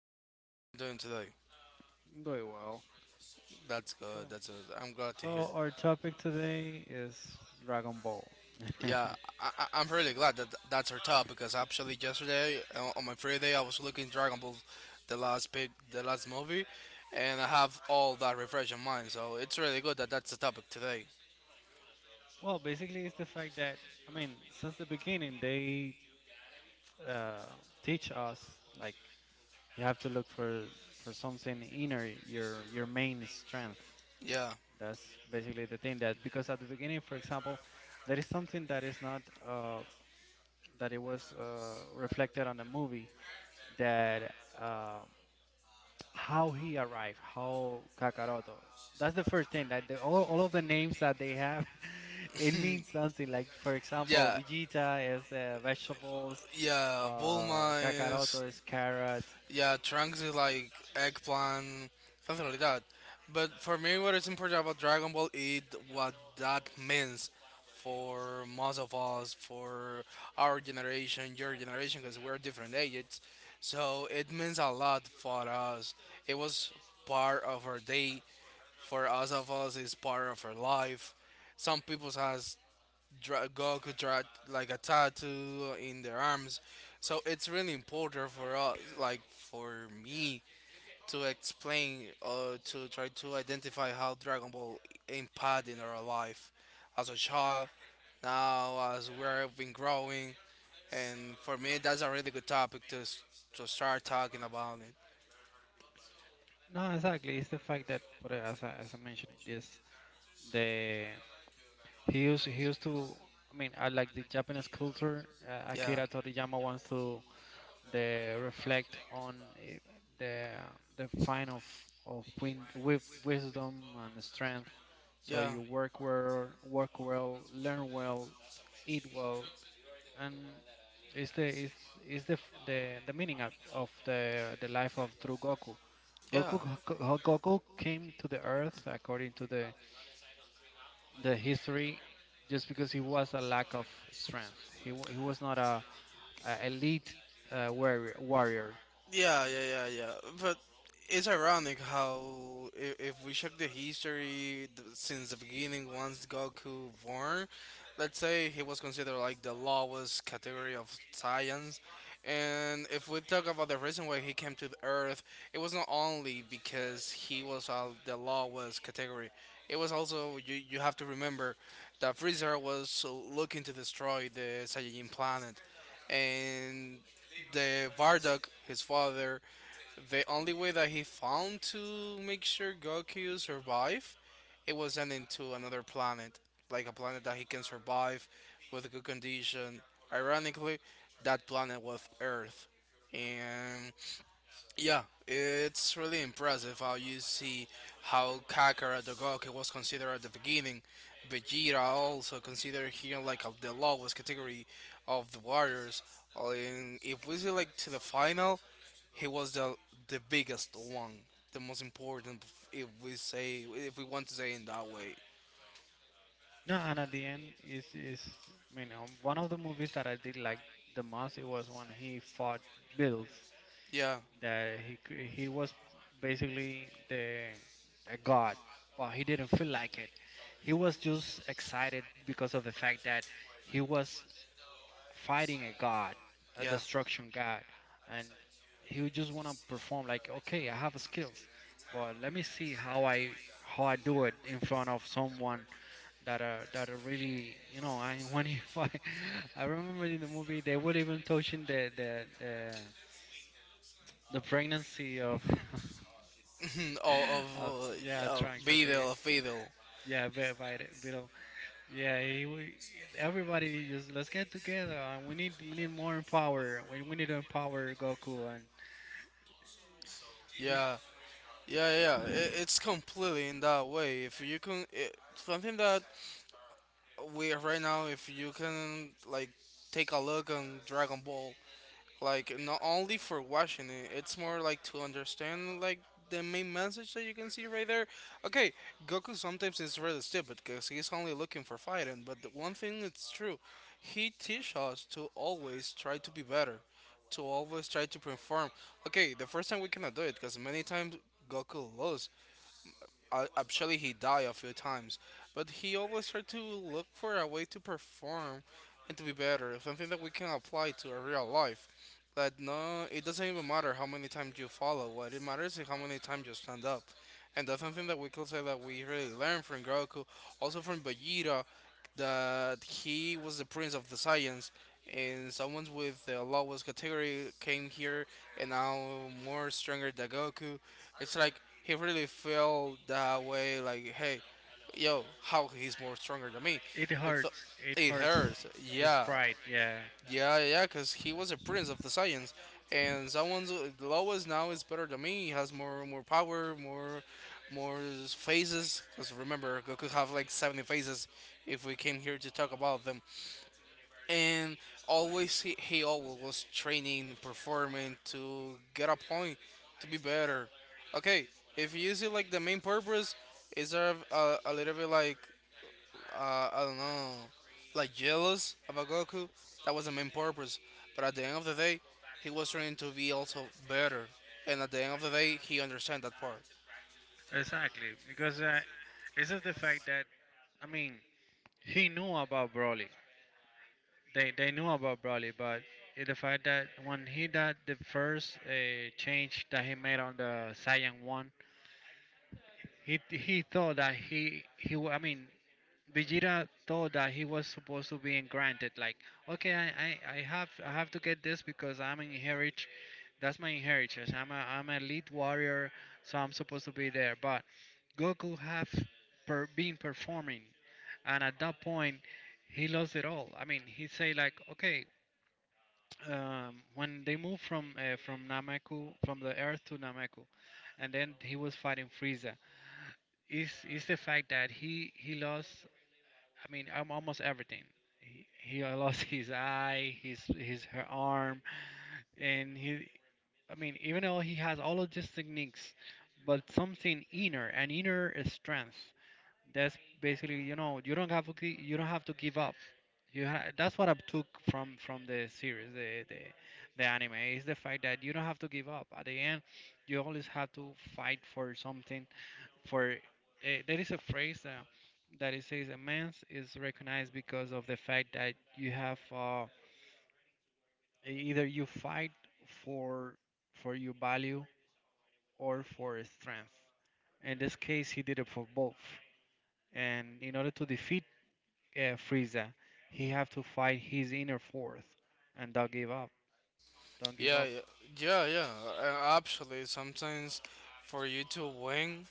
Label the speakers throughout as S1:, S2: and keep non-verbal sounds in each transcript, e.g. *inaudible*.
S1: up, brother? How you doing today?
S2: Doing well.
S1: That's good.
S2: So,
S1: That's good. I'm glad to hear.
S2: so our topic today is Dragon Ball.
S1: Yeah,
S2: *laughs*
S1: I'm really glad that that's our top because actually yesterday on my free day I was looking Dragon Ball, the last movie, and I have all that refresh in mind. So it's really good that that's the topic today.
S2: Well, basically, it's the fact that I mean, since the beginning, they uh, teach us like you have to look for something inner, your main strength.
S1: Yeah,
S2: That's basically the thing that because at the beginning, for example, there is something that is not that it was reflected on the movie that. Um, how he arrived, how Kakaroto. That's the first thing that all of the names that they have, *laughs* it means something. Like for example,
S1: yeah,
S2: Vegeta is vegetables,
S1: yeah. Bulma is.
S2: Kakaroto is carrot.
S1: Yeah, Trunks is like eggplant, something like that. But for me, what is important about Dragon Ball is what that means for most of us, for our generation, your generation, because we're different ages. So it means a lot for us. It was part of our day. For us of us, it's part of our life. Some people has girl could draw like a tattoo in their arms. So it's really important for us, like for me, to explain or to try to identify how Dragon Ball impacted in our life as a child, now as we've been growing, and for me that's a really good topic to start talking about it.
S2: No, exactly. It's the fact that, but as I mentioned, yes, the he used to. I mean, I like the Japanese culture.
S1: Yeah,
S2: Akira Toriyama wants to they reflect on the the find of win, with wisdom and strength. So
S1: yeah,
S2: you work well, learn well, eat well, and is the is is the f- the meaning of the life of true Goku.
S1: yeah.
S2: Goku Goku came to the earth according to the history just because he was a lack of strength. He was not a elite warrior.
S1: Yeah, yeah, yeah, yeah. But it's ironic how if we check the history since the beginning, once Goku born, let's say he was considered like the lowest category of science. And if we talk about the reason why he came to the Earth, it was not only because he was the lowest category. It was also you have to remember that Freezer was looking to destroy the Saiyajin planet, and the Varduk, his father, the only way that he found to make sure Goku survive, it was sending to another planet, like a planet that he can survive with a good condition. Ironically, that planet was Earth, and yeah, it's really impressive how you see how Kakara the Goku was considered at the beginning. Vegeta also considered here like of the lowest category of the warriors. Oh, and if we see like to the final, he was the biggest one, the most important. If we say if we want to say in that way.
S2: No, and at the end is one of the movies that I did like the most. It was when he fought Bills.
S1: Yeah,
S2: He was basically the a god, but he didn't feel like it. He was just excited because of the fact that he was fighting a god, a
S1: yeah.
S2: destruction god, and he would just want to perform like, okay, I have skills, but let me see how I do it in front of someone that are really I when you, *laughs* I remember in the movie they were even touching the pregnancy of
S1: *laughs* oh, of.
S2: *laughs* of yeah
S1: Uh,
S2: Trunks I think
S1: Videl, Videl,
S2: yeah by the below yeah he, we, everybody just let's get together and we need more power we need to empower Goku and y-
S1: yeah. Yeah, yeah, yeah. It's completely in that way. If you can, it, something that we right now, if you can like take a look on Dragon Ball, like not only for watching it, it's more like to understand like the main message that you can see right there. Okay, Goku sometimes is really stupid because he's only looking for fighting, but the one thing it's true, he teach us to always try to be better, to always try to perform. Okay, the first time we cannot do it because many times Goku lose, actually, he died a few times, but he always tried to look for a way to perform and to be better. Something that we can apply to our real life. That no, it doesn't even matter how many times you follow. What it matters is how many times you stand up, and that's something that we could say that we really learned from Goku, also from Vegeta, that he was the prince of the Saiyans, and someone with the lowest category came here and now more stronger than Goku. It's like he really felt that way, like hey, yo, how he's more stronger than me,
S2: it
S1: but
S2: hurts it
S1: it
S2: hurts
S1: hurts,
S2: his
S1: yeah,
S2: pride yeah
S1: yeah, yeah, because he was a prince of the science, and someone's Lois now is better than me. He has more, more power, more, more phases. Because remember, Goku have like 70 phases. If we came here to talk about them, and always he always was training, performing to get a point, to be better. Okay, if you see like the main purpose, is there a little bit like I don't know, like jealous about Goku. That was the main purpose. But at the end of the day, he was trying to be also better. And at the end of the day, he understand that part.
S2: exactly because it's just the fact that I mean he knew about Broly. They knew about Broly, but the fact that when he did the first change that he made on the Saiyan one, he thought that I mean Vegeta thought that he was supposed to be granted like okay I have to get this because I'm an heritage, that's my inheritance. I'm a elite warrior, so I'm supposed to be there. But Goku have been performing, and at that point he lost it all. I mean he say like okay when they moved from from Namaku from the Earth to Namaku, and then he was fighting Frieza. Is the fact that he lost? I mean, almost everything. He, he *laughs* lost his eye, his her arm, and he. I mean, even though he has all of these techniques, but something inner, an inner strength. That's basically, you know, you don't have to give up. That's what I took from the series, the anime is the fact that you don't have to give up. At the end, you always have to fight for something. For there is a phrase that it says a man is recognized because of the fact that you have either you fight for for your value or for strength. In this case, he did it for both. And in order to defeat Frieza. He have to fight his inner force and don't give up. Don't give
S1: Yeah,
S2: up.
S1: yeah, yeah, yeah. Actually, sometimes for you to win,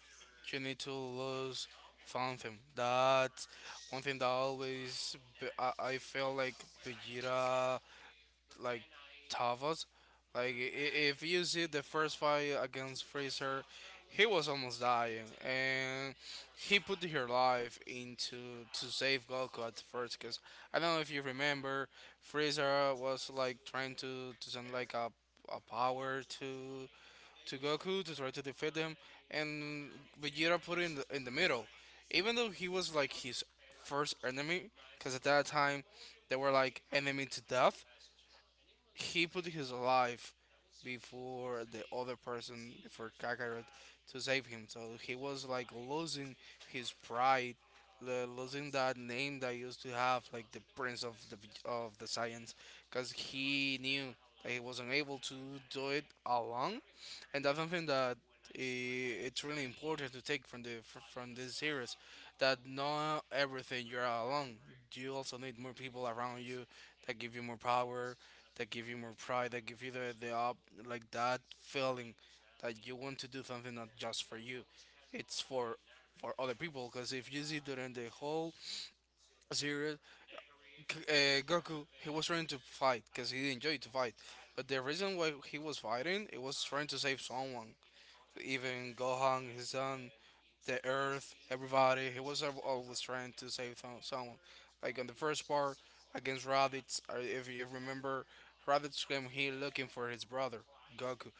S1: you need to lose something. That's one thing that always I feel like Vegeta like Tavos. Like if you see the first fight against Freezer, he was almost dying, and he put her life into to save Goku at first. Cause I don't know if you remember, Freezer was like trying to send like a power to Goku to try to defeat him, and Vegeta put him in in the middle, even though he was like his first enemy, because at that time they were like enemy to death. He put his life before the other person, before Kakarot, to save him. So he was like losing his pride, losing that name that he used to have, like the prince of the science, because he knew that he wasn't able to do it alone, and that's something that I it's really important to take from the from this series. That not everything you're alone, you also need more people around you, that give you more power, that give you more pride, that give you the up, like that feeling that you want to do something not just for you, it's for other people, because if you see during the whole series, goku he was trying to fight because he enjoyed to fight, but the reason why he was fighting it was trying to save someone, even Gohan, his son, the Earth, everybody. He was always trying to save someone. Like on the first part against Raditz, if you remember, Raditz came here looking for his brother Goku,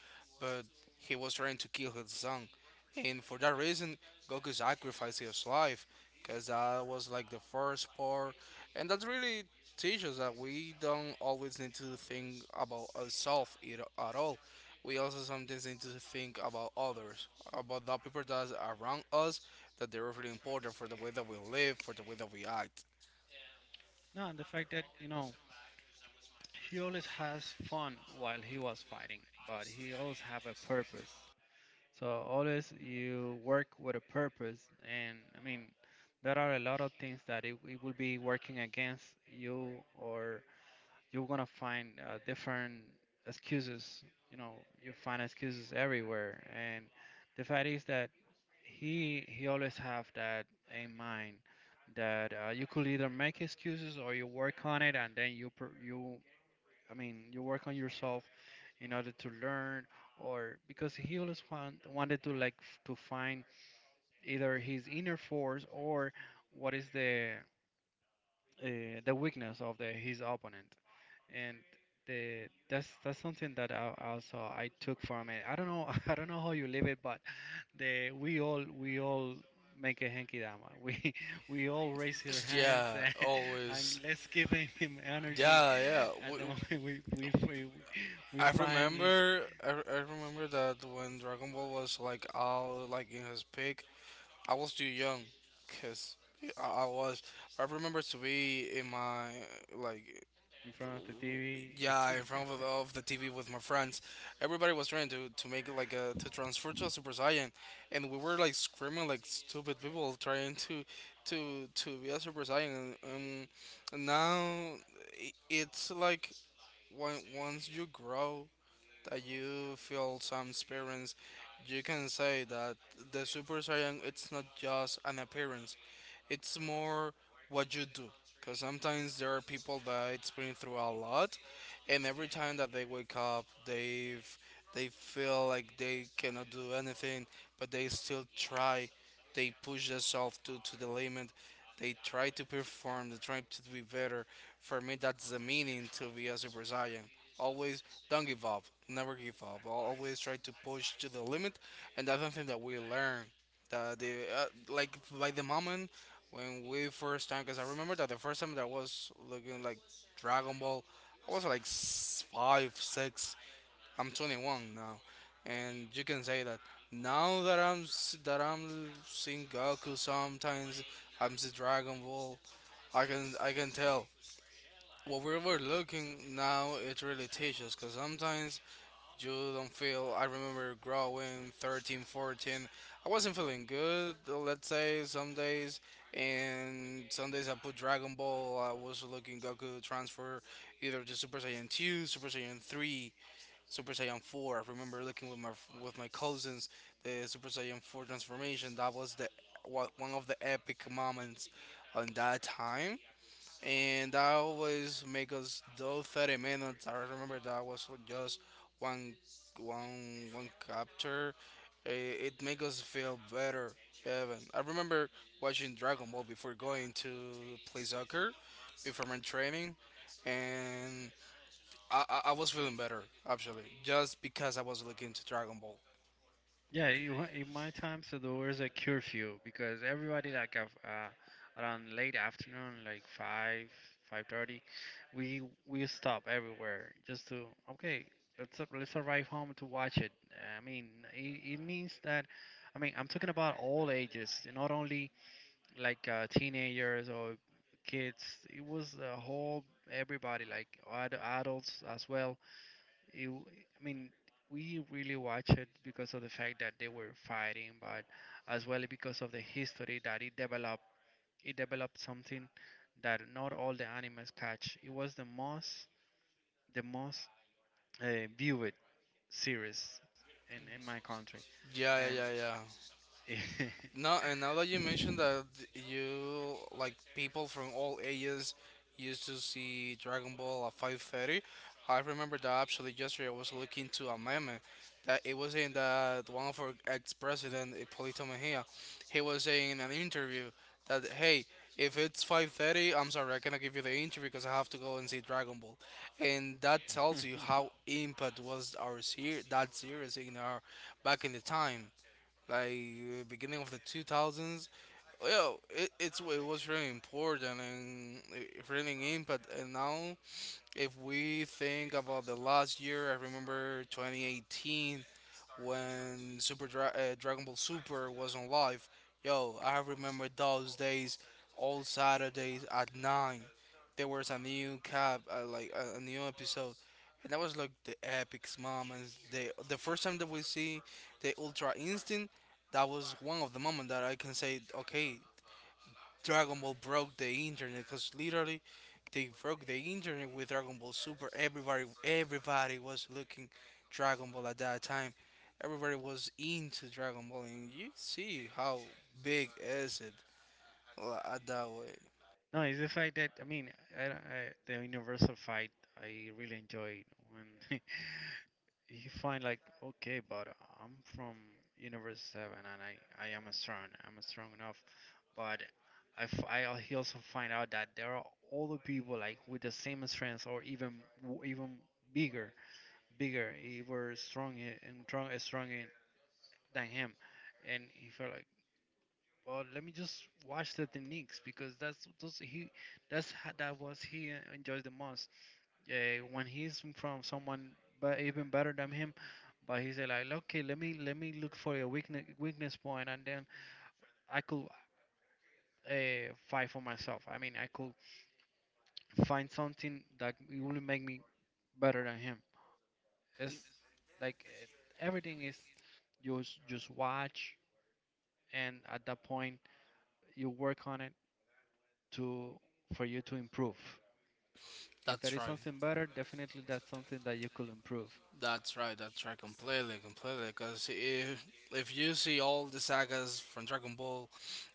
S1: but he was trying to kill his son, and for that reason, Goku sacrificed his life because that was like the first part, and that really teaches that we don't always need to think about ourselves at all. We also sometimes need to think about others, about the people that are around us, that they're really important for the way that we live, for the way that we act.
S2: No, and the fact that he always has fun while he was fighting, but he always have a purpose. So always you work with a purpose, and I mean there are a lot of things that it will be working against you or you're gonna find different excuses. You know, you find excuses everywhere, and the fact is that he always have that in mind that you could either make excuses or you work on it, and then you pr- you I mean you work on yourself in order to learn or because he always want, wanted to like to find either his inner force or what is the the weakness of the his opponent and the that's something that I also I took from it. I don't know *laughs* I don't know how you live it, but the we all make a hanky dama. *laughs* We all raise our hands *laughs*
S1: Yeah, always.
S2: and let's give him energy
S1: Yeah, yeah.
S2: at the
S1: W-.
S2: *laughs* moment we find it
S1: I remember that when Dragon Ball was like all like in his peak, I was too young, cause I was. I remember to be in my like.
S2: in front of the TV.
S1: Yeah, in front of,
S2: *laughs*
S1: of the TV with my friends. Everybody was trying to make like a to transfer to a Super Saiyan, and we were like screaming like stupid people trying to be a Super Saiyan. Now it's like when once you grow that you feel some experience, you can say that the Super Saiyan it's not just an appearance, it's more what you do. Because sometimes there are people that it's been through a lot, and every time that they wake up, they feel like they cannot do anything, but they still try. They push themselves to the limit. They try to perform. They try to be better. For me, that's the meaning to be a Super Saiyan. Always don't give up. Never give up. Always try to push to the limit, and that's something that we learn. That the like by the moment when we first time, because I remember that the first time that I was looking like Dragon Ball, I was like five, six. I'm 21 now, and you can say that now that I'm that I'm seeing Goku sometimes, I'm seeing Dragon Ball. I can tell what we were looking now. It really teaches, because sometimes you don't feel. I remember growing 13, 14. I wasn't feeling good. Let's say some days, and some days I put Dragon Ball. I was looking Goku transfer either to Super Saiyan 2, Super Saiyan 3, Super Saiyan 4. I remember looking with my cousins the Super Saiyan 4 transformation. That was the one of the epic moments on that time, and that always make us do 30 minutes. I remember that was just one one one chapter. It make us feel better, Evan. I remember watching Dragon Ball before going to play soccer, before my training, and I was feeling better actually, just because I was looking to Dragon Ball.
S2: Yeah, in my time, so there was a curfew because everybody like of, around late afternoon, like five, 5:30, we stop everywhere just to okay, let's arrive home to watch it. I mean, it means that, I mean, I'm talking about all ages, not only like teenagers or kids. It was a whole everybody like adults as well it, I mean, we really watch it because of the fact that they were fighting, but as well because of the history that it developed. It developed something that not all the animes catch. It was the most, the most viewed series in my country,
S1: Yeah, yeah,
S2: and.
S1: yeah, yeah.
S2: *laughs*
S1: No, and now that you mentioned that you like people from all ages used to see Dragon Ball at 5:30, I remember that actually yesterday I was looking to a meme that it was saying that one of our ex-president Hipólito Mejía, he was saying in an interview that hey, if it's 5:30, I'm sorry, I cannot give you the interview because I have to go and see Dragon Ball, and that tells you how impact was our that series in our back in the time like beginning of the 2000s. Well, it was really important, and it really impact. And now, if we think about the last year, I remember 2018 when Dragon Ball Super was on live. Yo, I remember those days, all Saturdays at 9. There was a new like a new episode. And that was like the epic moments. The first time that we see the Ultra Instinct, that was one of the moments that I can say, okay, Dragon Ball broke the internet, because literally they broke the internet with Dragon Ball Super. Everybody, everybody was looking Dragon Ball at that time. Everybody was into Dragon Ball, and you see how big is it, well, at that way.
S2: No, it's the fact that I mean, I, don't- I, the Universal fight I really enjoyed when *laughs* he find like okay but I'm from universe 7 and I am strong I'm strong enough but I, f- I al- he also find out that there are other people like with the same strength or even even bigger bigger even stronger than him and he felt like well let me just watch the techniques because that's those he that's ho- that was he enjoys the most yeah, when he's from someone but even better than him but he's like okay let me look for a weakness point and then I could fight for myself I mean I could find something that will make me better than him it's like eh, everything is just watch and at that point you work on it to for you to improve if there
S1: That's
S2: is
S1: right.
S2: something better definitely that's something that you could improve.
S1: That's right, that's right, completely, completely. Because if you see all the sagas from Dragon Ball,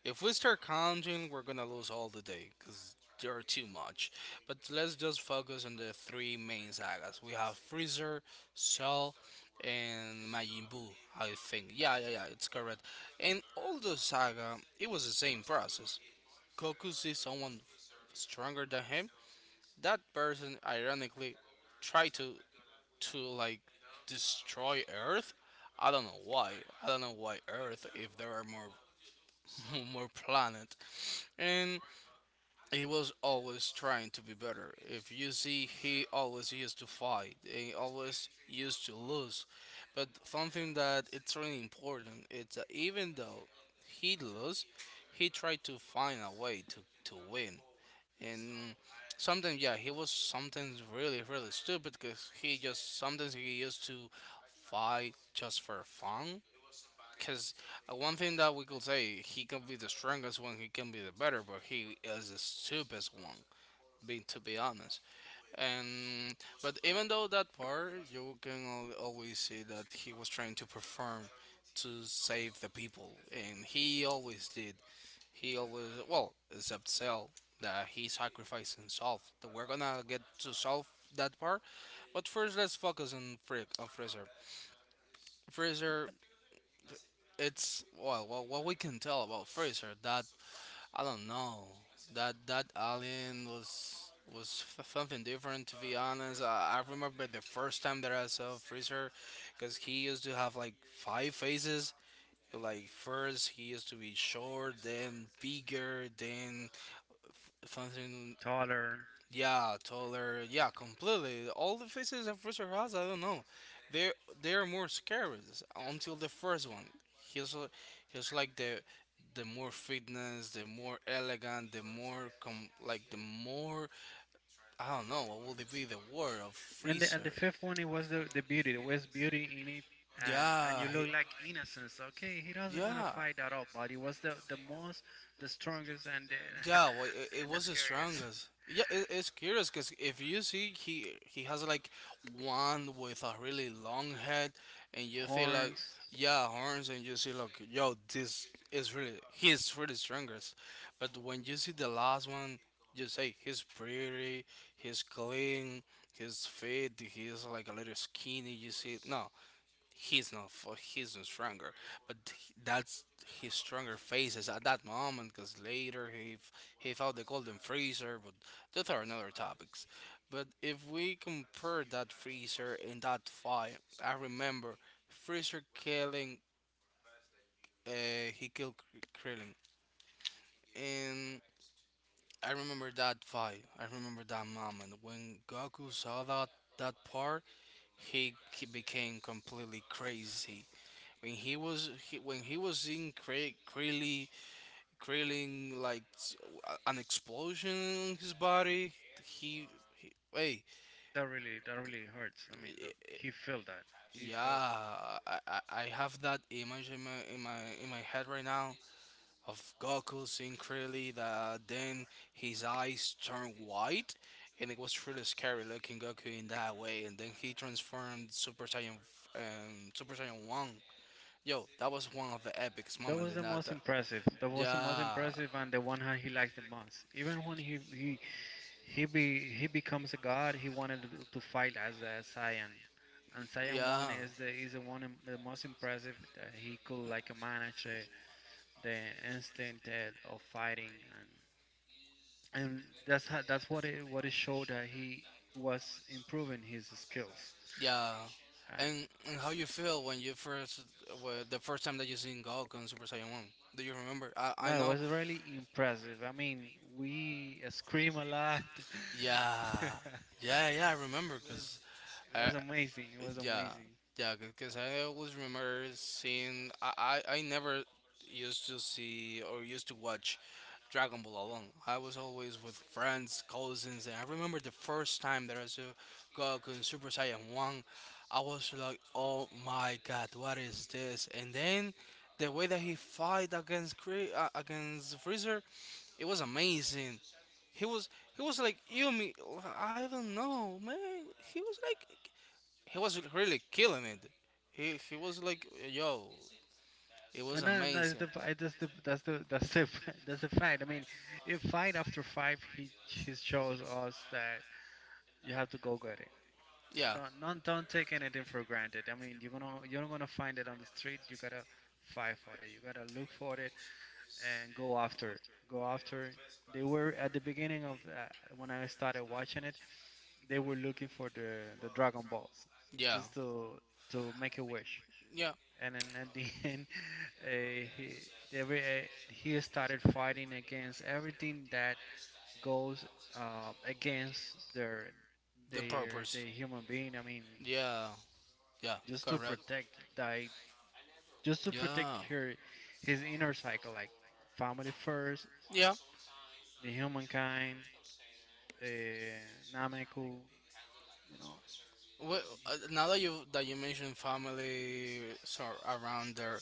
S1: if we start counting, we're gonna lose all the day because there are too much. But let's just focus on the three main sagas. We have Freezer, Cell, and Majin Buu. I think, yeah, yeah, yeah, it's correct. And all the saga, it was the same process. Goku sees someone stronger than him. That person, ironically, try to to like destroy Earth. I don't know why. I don't know why Earth if there are more *laughs* more planet. And he was always trying to be better. If you see he always used to fight. He always used to lose. But something that it's really important it's that even though he lost, he tried to find a way to win. And sometimes yeah he was sometimes really really stupid, because he just sometimes he used to fight just for fun, because one thing that we could say, he can be the strongest one, he can be the better, but he is the stupidest one being to be honest. And but even though that part you can always see that he was trying to perform to save the people, and he always did. He always, well, except Cell, that he sacrificed himself. That we're gonna get to solve that part, but first let's focus on Frick on Freezer. Freezer, it's, well, well, what we can tell about Freezer that I don't know, that that alien was was something different to be honest. I remember the first time that I saw Freezer, because he used to have like five faces. Like first he used to be short, then bigger, then something.
S2: Taller.
S1: Yeah, taller. Yeah, completely. All the faces that Freezer has, I don't know. They they are more scary until the first one. He's l- he's like the more fitness, the more elegant, the more com like the more, I don't know what would it be the word of
S2: And
S1: Freezer.
S2: the fifth one, it was the beauty. There was beauty in it, and
S1: Yeah,
S2: you
S1: he,
S2: look like innocence. Okay, he doesn't gonna
S1: yeah.
S2: fight at all, but it was the most, the strongest, and the
S1: Yeah, well,
S2: *laughs*
S1: it
S2: and the
S1: was the
S2: scariest.
S1: strongest. Yeah, it, it's curious because if you see he has like one with a really long head, and you
S2: *laughs*
S1: feel like,
S2: Horns.
S1: yeah, horns, and you see like, yo, this is really, he's really strongest, but when you see the last one, you say he's pretty, he's clean, he's fit, he's like a little skinny. You see, no, he's not stronger, but that's his stronger phases at that moment, because later he he found the golden freezer, but those are another topics. But if we compare that freezer in that fight, I remember freezer killing uh he killed krillin. And I remember that fight, I remember that moment when Goku saw that, that part, he became completely crazy. When he was when he was in creating, creating like an explosion in his body, he, he wait.
S2: That really that really hurts. I mean, that he felt that. He
S1: Yeah.
S2: felt.
S1: I have that image in my head right now, of Goku seeing Krillin, that then his eyes turn white, and it was really scary looking Goku in that way, and then he transformed Super Saiyan Super Saiyan 1. Yo, that was one of the epic
S2: That
S1: moments
S2: was
S1: in
S2: the
S1: that,
S2: most
S1: that,
S2: impressive. That was the most
S1: yeah.
S2: impressive, and the one that he liked the most. Even when he. He be he becomes a god. He wanted to fight as a Saiyan, and Saiyan one
S1: Yeah,
S2: is the one the most impressive that he could like manage the instinct of fighting and and that's how, that's what it showed that he was improving his skills
S1: yeah.
S2: and
S1: And how you feel when you first, well, the first time that you seen Goku in Super Saiyan One? Do you remember? I
S2: no it
S1: know.
S2: was really impressive. I mean we scream a lot. *laughs*
S1: Yeah,
S2: it
S1: yeah, yeah. I remember
S2: was
S1: because
S2: it
S1: I,
S2: was amazing. It was
S1: yeah,
S2: amazing.
S1: yeah, because I always remember seeing. I never used to see or used to watch Dragon Ball alone. I was always with friends, cousins, and I remember the first time that I saw Goku in Super Saiyan One. I was like, "Oh my God, what is this?" And then the way that he fight against against Freezer, it was amazing. He was he was like you me, I don't know, man. He was like he was really killing it. He was like, yo, it was
S2: No, no, that's
S1: amazing.
S2: the *laughs* that's the fact. I mean, if fight after five, he shows us that you have to go get it.
S1: Yeah,
S2: Don't not, don't take anything for granted. I mean, you're gonna you're not gonna find it on the street. You gotta fight for it. You gotta look for it and go after. Go after. They were at the beginning of when I started watching it. They were looking for the Dragon Balls
S1: yeah,
S2: just to make a wish
S1: yeah.
S2: and then at the *laughs* end, uh, he, he started fighting against everything that goes against their
S1: The
S2: their
S1: purpose.
S2: the human being. I mean,
S1: Yeah, yeah,
S2: just to
S1: correct.
S2: protect like just to protect
S1: Yeah,
S2: her his inner cycle, like family first,
S1: yeah.
S2: the humankind, uh, Nameku, you know,
S1: Well, now that you mentioned family so around there,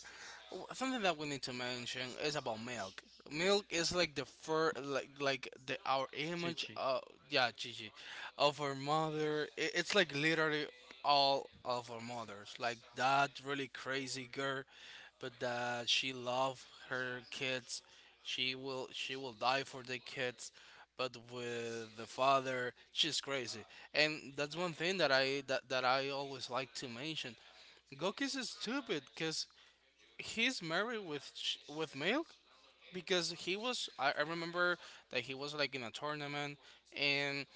S1: something that we need to mention is about milk. Milk is like the fur, like the our image
S2: Chichi.
S1: of, yeah, Gigi, of our mother. It, it's like literally all of our mothers. Like that really crazy girl, but that she loved her kids, she will die for the kids, but with the father, she's crazy. And that's one thing that that I always like to mention. Goki's is stupid because he's married with with milk, because he was, I remember that he was like in a tournament, and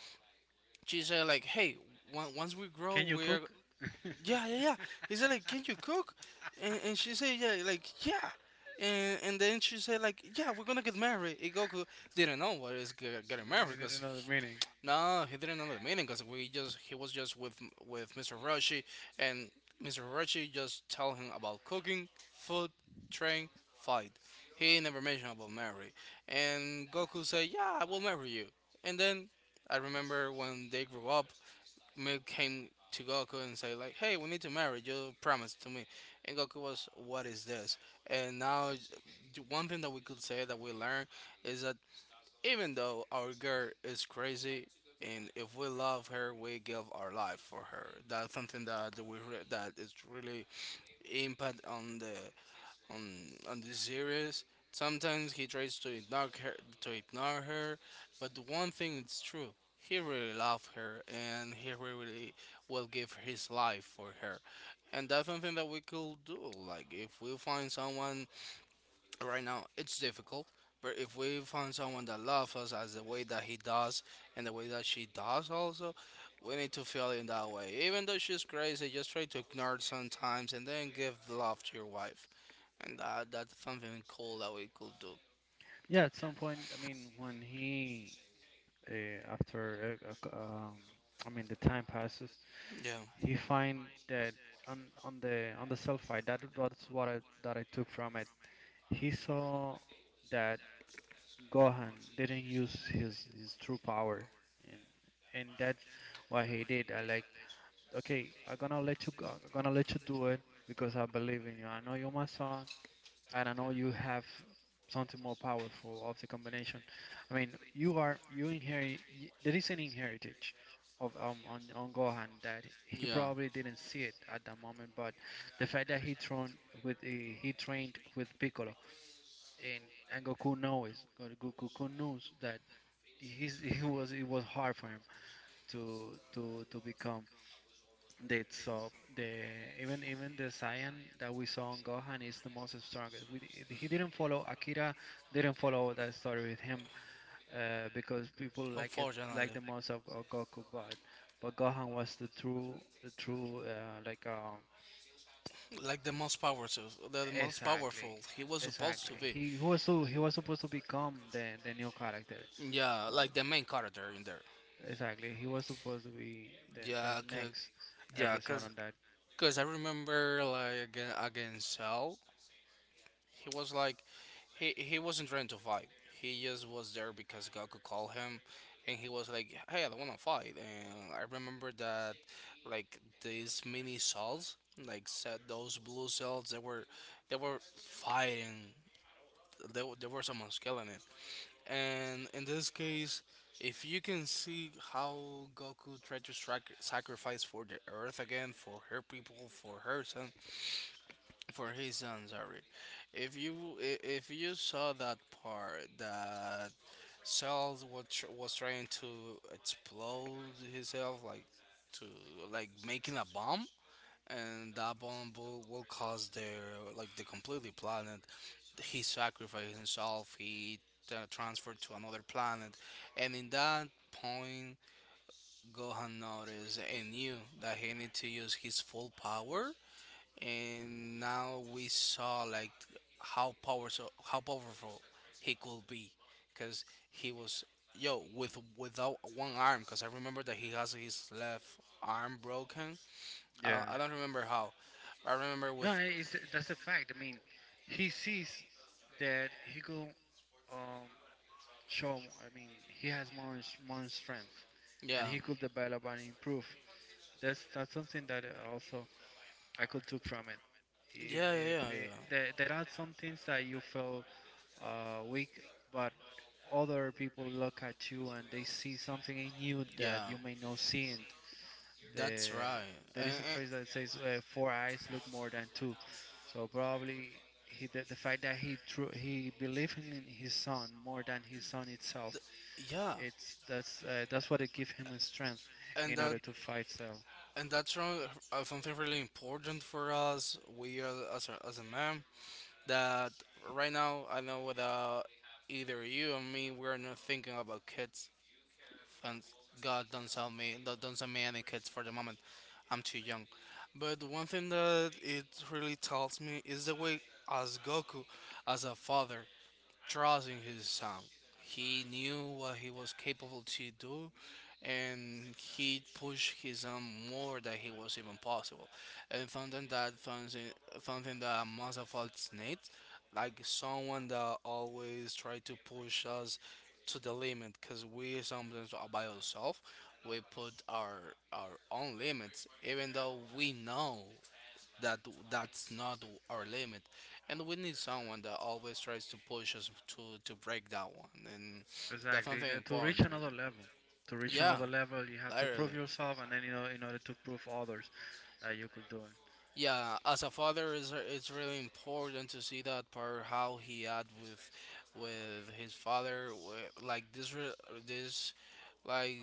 S1: she said like, hey, once we grow
S2: Can you
S1: we're,
S2: cook? *laughs* No,
S1: yeah, yeah, yeah. He said like, can you cook? And she said, yeah, like, yeah. And then she said like, yeah, we're gonna get married. And Goku didn't know what is getting married
S2: he didn't
S1: because,
S2: know the meaning.
S1: no, he didn't know the meaning because we just he was just with Mr. Roshi, and Mr. Roshi just tell him about cooking, food, train, fight. He never mentioned about marry. And Goku said, "Yeah, I will marry you." And then I remember when they grew up, Milk came to Goku and say like, "Hey, we need to marry. You promised to me." And Goku was, "What is this?" And now, the one thing that we could say that we learned is that even though our girl is crazy, and if we love her, we give our life for her. That's something that we that is really impact on the on this series. Sometimes he tries to ignore her, but one thing is true: he really loves her, and he really will give his life for her. And that's something that we could do. Like if we find someone right now, it's difficult. But if we find someone that loves us as the way that he does, and the way that she does, also, we need to feel in that way. Even though she's crazy, just try to ignore it sometimes and then give love to your wife, and that, that's something cool that we could do.
S2: Yeah, at some point, I mean, when he after I mean the time passes,
S1: Yeah,
S2: he find that on the sulfide that that's what I that I took from it. He saw that Gohan didn't use his true power, and that's what he did. I like okay, I'm gonna let you go, I'm gonna let you do it because I believe in you. I know you're my son and I know you have something more powerful of the combination. I mean, you are you inherit there is an inheritance of on Gohan that he
S1: yeah.
S2: probably didn't see it at the moment, but the fact that he trained with Piccolo and and Goku knows that he's, *laughs* he was it was hard for him to to become that so the even the Saiyan that we saw on Gohan is the most strongest. He didn't follow Akira, didn't follow that story with him, because people like it like
S1: Unfortunately,
S2: the most of, Go- Goku, but Gohan was the true
S1: like the most powerful, the most
S2: exactly,
S1: powerful. He was supposed
S2: exactly
S1: to be.
S2: he was so he was supposed to become the new character,
S1: Yeah,
S2: but
S1: like the main character in there.
S2: exactly he was supposed to be the
S1: Yeah, cause,
S2: next
S1: yeah,
S2: episode
S1: cause,
S2: on that.
S1: cause I remember like again against Cell, he was like, he wasn't trying to fight. He just was there because Goku called him, and he was like, "Hey, I don't want to fight." And I remember that, like these mini cells, like said those blue cells, they were fighting. There, there were someone killing it. And in this case, if you can see how Goku tried to sacrifice for the Earth again, for her people, for her son, for his son, sorry. If you if you saw that part that Cell was was trying to explode himself, like to like making a bomb, and that bomb will cause their like the completely planet. He sacrificed himself. He transferred to another planet, and in that point, Gohan noticed and knew that he needed to use his full power, and now we saw like how powerful, how powerful he could be, because he was, yo, with without one arm, because I remember that he has his left arm broken.
S2: Yeah.
S1: I don't remember how. I remember
S2: No,
S1: with,
S2: I- it's, that's a fact. I mean, he sees that he could um, show. I mean, he has more more strength, and
S1: yeah
S2: he could develop and improve. That's something that also I could took from it. If
S1: yeah yeah
S2: if
S1: yeah, yeah,
S2: there are some things that you feel weak, but other people look at you and they see something in you
S1: yeah.
S2: that you may not see,
S1: That's
S2: the
S1: right.
S2: there
S1: and,
S2: is a
S1: and
S2: phrase that says four eyes look more than two, so probably the fact that he true he believed in his son more than his son itself.
S1: yeah.
S2: It's that's what it gives him a strength
S1: And
S2: in
S1: that,
S2: order to fight Cell.
S1: and that's wrong, something really important for us we are, as a man, that right now I know without either you or me, we're not thinking about kids. Thank God, don't sell me, don't sell me any kids for the moment. I'm too young. But one thing that it really tells me is the way as Goku, as a father, trusting his son. He knew what he was capable to do, and he pushed his son more than he was even possible. And something that something something that must have felt like someone that always try to push us to the limit, because we sometimes are by ourselves. We put our own limits, even though we know that that's not our limit, and we need someone that always tries to push us to break that one. And that's
S2: Exactly.
S1: something
S2: To reach
S1: important.
S2: another level. To reach
S1: Yeah,
S2: another level, you have to prove
S1: literally.
S2: yourself, and then you know in order to prove others that you could do it.
S1: Yeah, as a father, it's really important to see that part how he had with his father, like this, like,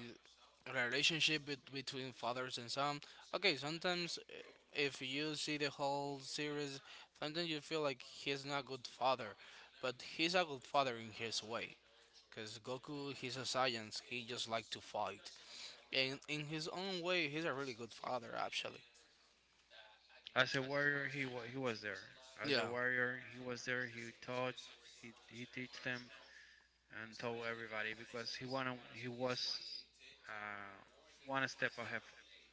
S1: relationship between fathers and son. Okay, sometimes if you see the whole series, sometimes you feel like he's not a good father, but he's a good father in his way. Cause Goku, he's a Saiyan, he just like to fight, and in his own way, he's a really good father, actually.
S2: As a warrior, he was there. As a
S1: Yeah,
S2: warrior, he was there. He taught. He teach them. And told everybody because he was uh, one step ahead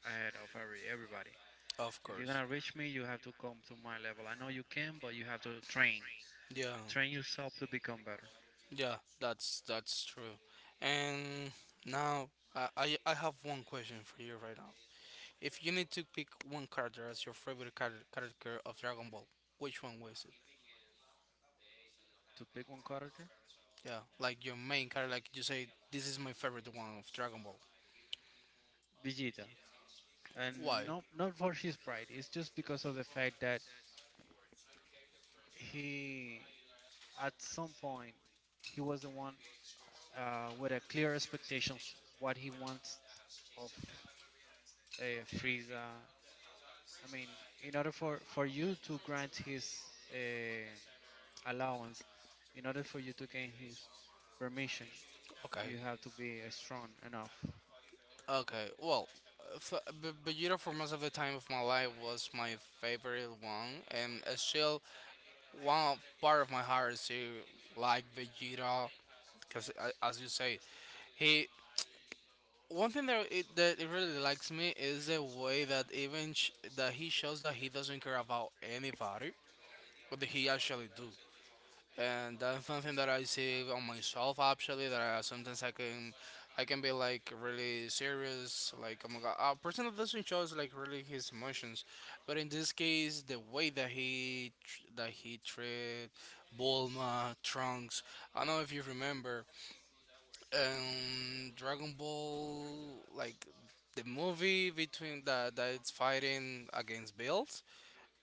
S2: ahead of everybody.
S1: of
S2: If you're
S1: course.
S2: gonna reach me, you have to come to my level. I know you can, but you have to train.
S1: Yeah,
S2: Train yourself to become better.
S1: yeah, that's true. And now, I have one question for you right now. If you need to pick one character as your character of Dragon Ball, which one was it?
S2: To pick one character,
S1: Yeah, like your main character, like you say, this is my favorite one of Dragon Ball.
S2: Vegeta, and
S1: Why?
S2: not not for his pride. It's just because of the fact that he, at some point, he was the one with a clear expectations what he wants of uh, Frieza, I mean, in order for you to grant his allowance, in order for you to gain his permission,
S1: Okay,
S2: you have to be strong enough.
S1: okay. Well, f- Vegeta for most of the time of my life was my favorite one, and it's still part of my heart is to like Vegeta, because, as you say, he— One thing that that it really likes me is the way that that he shows that he doesn't care about anybody, but that he actually do. And that's something that I see on myself actually. Sometimes I can be like really serious. Like oh my god, a person that doesn't show like really his emotions, but in this case, the way that that he treat Bulma, Trunks. I don't know if you remember Dragon Ball, like, the movie between that it's fighting against Bills,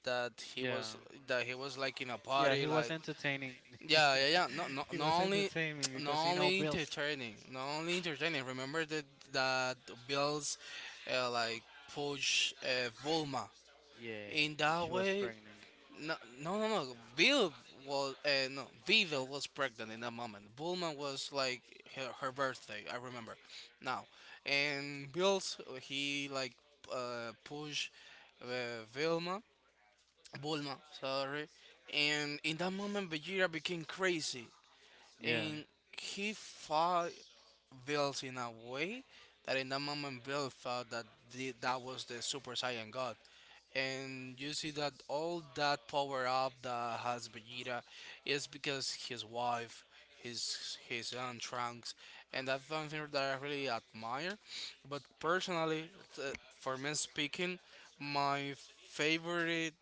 S1: that he
S2: Yeah,
S1: was, that he was like in a
S2: yeah,
S1: party,
S2: he was
S1: like—
S2: entertaining. *laughs*
S1: Yeah, yeah, yeah, no, no,
S2: He was
S1: not only,
S2: entertaining because
S1: not
S2: he know
S1: only
S2: Bills.
S1: entertaining, not only entertaining. Remember that that Bills, like, push, Volma
S2: Yeah,
S1: in that
S2: she was
S1: way.
S2: pregnant.
S1: No, no, no, no. Bill was, no. Vivel was pregnant in that moment. Bullman was like her, her birthday, I remember now. And Bill's, he like, pushed, Vilma, Bulma, sorry, and in that moment Vegeta became crazy
S2: Yeah.
S1: and he fought built in a way that in that moment Bill felt that that was the Super Saiyan God. And you see that all that power up that has Vegeta is because his wife, his son Trunks, and that's something that I really admire. But personally, th- for me speaking, my favorite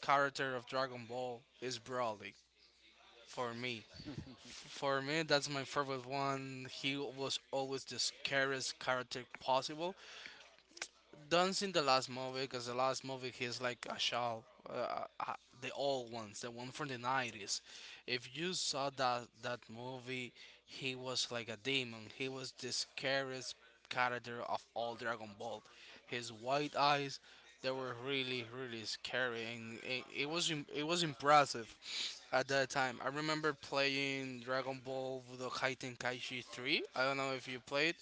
S1: character of Dragon Ball is Broly. For me,
S2: *laughs*
S1: for me, that's my favorite one. He was always the scariest character possible, done seen the last movie, because the last movie he's like a shell. The old ones, the one from the nineties. If you saw that movie, he was like a demon. He was the scariest character of all Dragon Ball. His white eyes, they were really really scary, and it was impressive at that time. I remember playing Dragon Ball Budokai Tenkaichi 3. I don't know if you played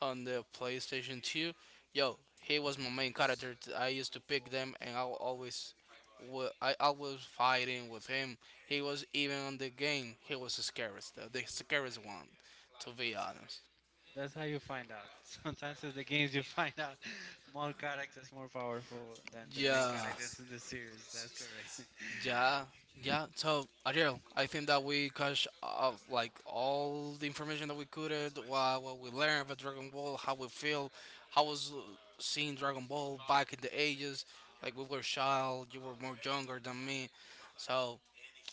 S1: on the PlayStation 2. Yo, he was my main character. I used to pick them, and I wa- always, wa- I was fighting with him. He was even on the game. He was the scariest, the scariest one, to be honest.
S2: That's how you find out. *laughs* Sometimes in the games you find out *laughs* more characters more powerful than the main
S1: Yeah,
S2: characters in the series. That's correct. *laughs*
S1: yeah, yeah. So Ariel, I think that we catch up like all the information that we could, what we learned about Dragon Ball, how we feel, how was, seeing Dragon Ball back in the ages. Like we were child, you were more younger than me, so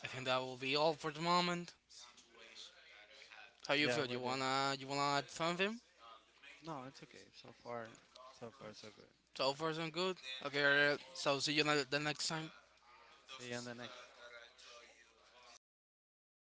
S1: I think that will be all for the moment. How you
S2: Yeah,
S1: feel?
S2: we
S1: You
S2: did.
S1: wanna, you wanna add something?
S2: No, it's okay. So far, so far, so good. Dra-
S1: So far so good. Okay, alright.
S2: Yeah.
S1: So the next time.
S2: See you on the next.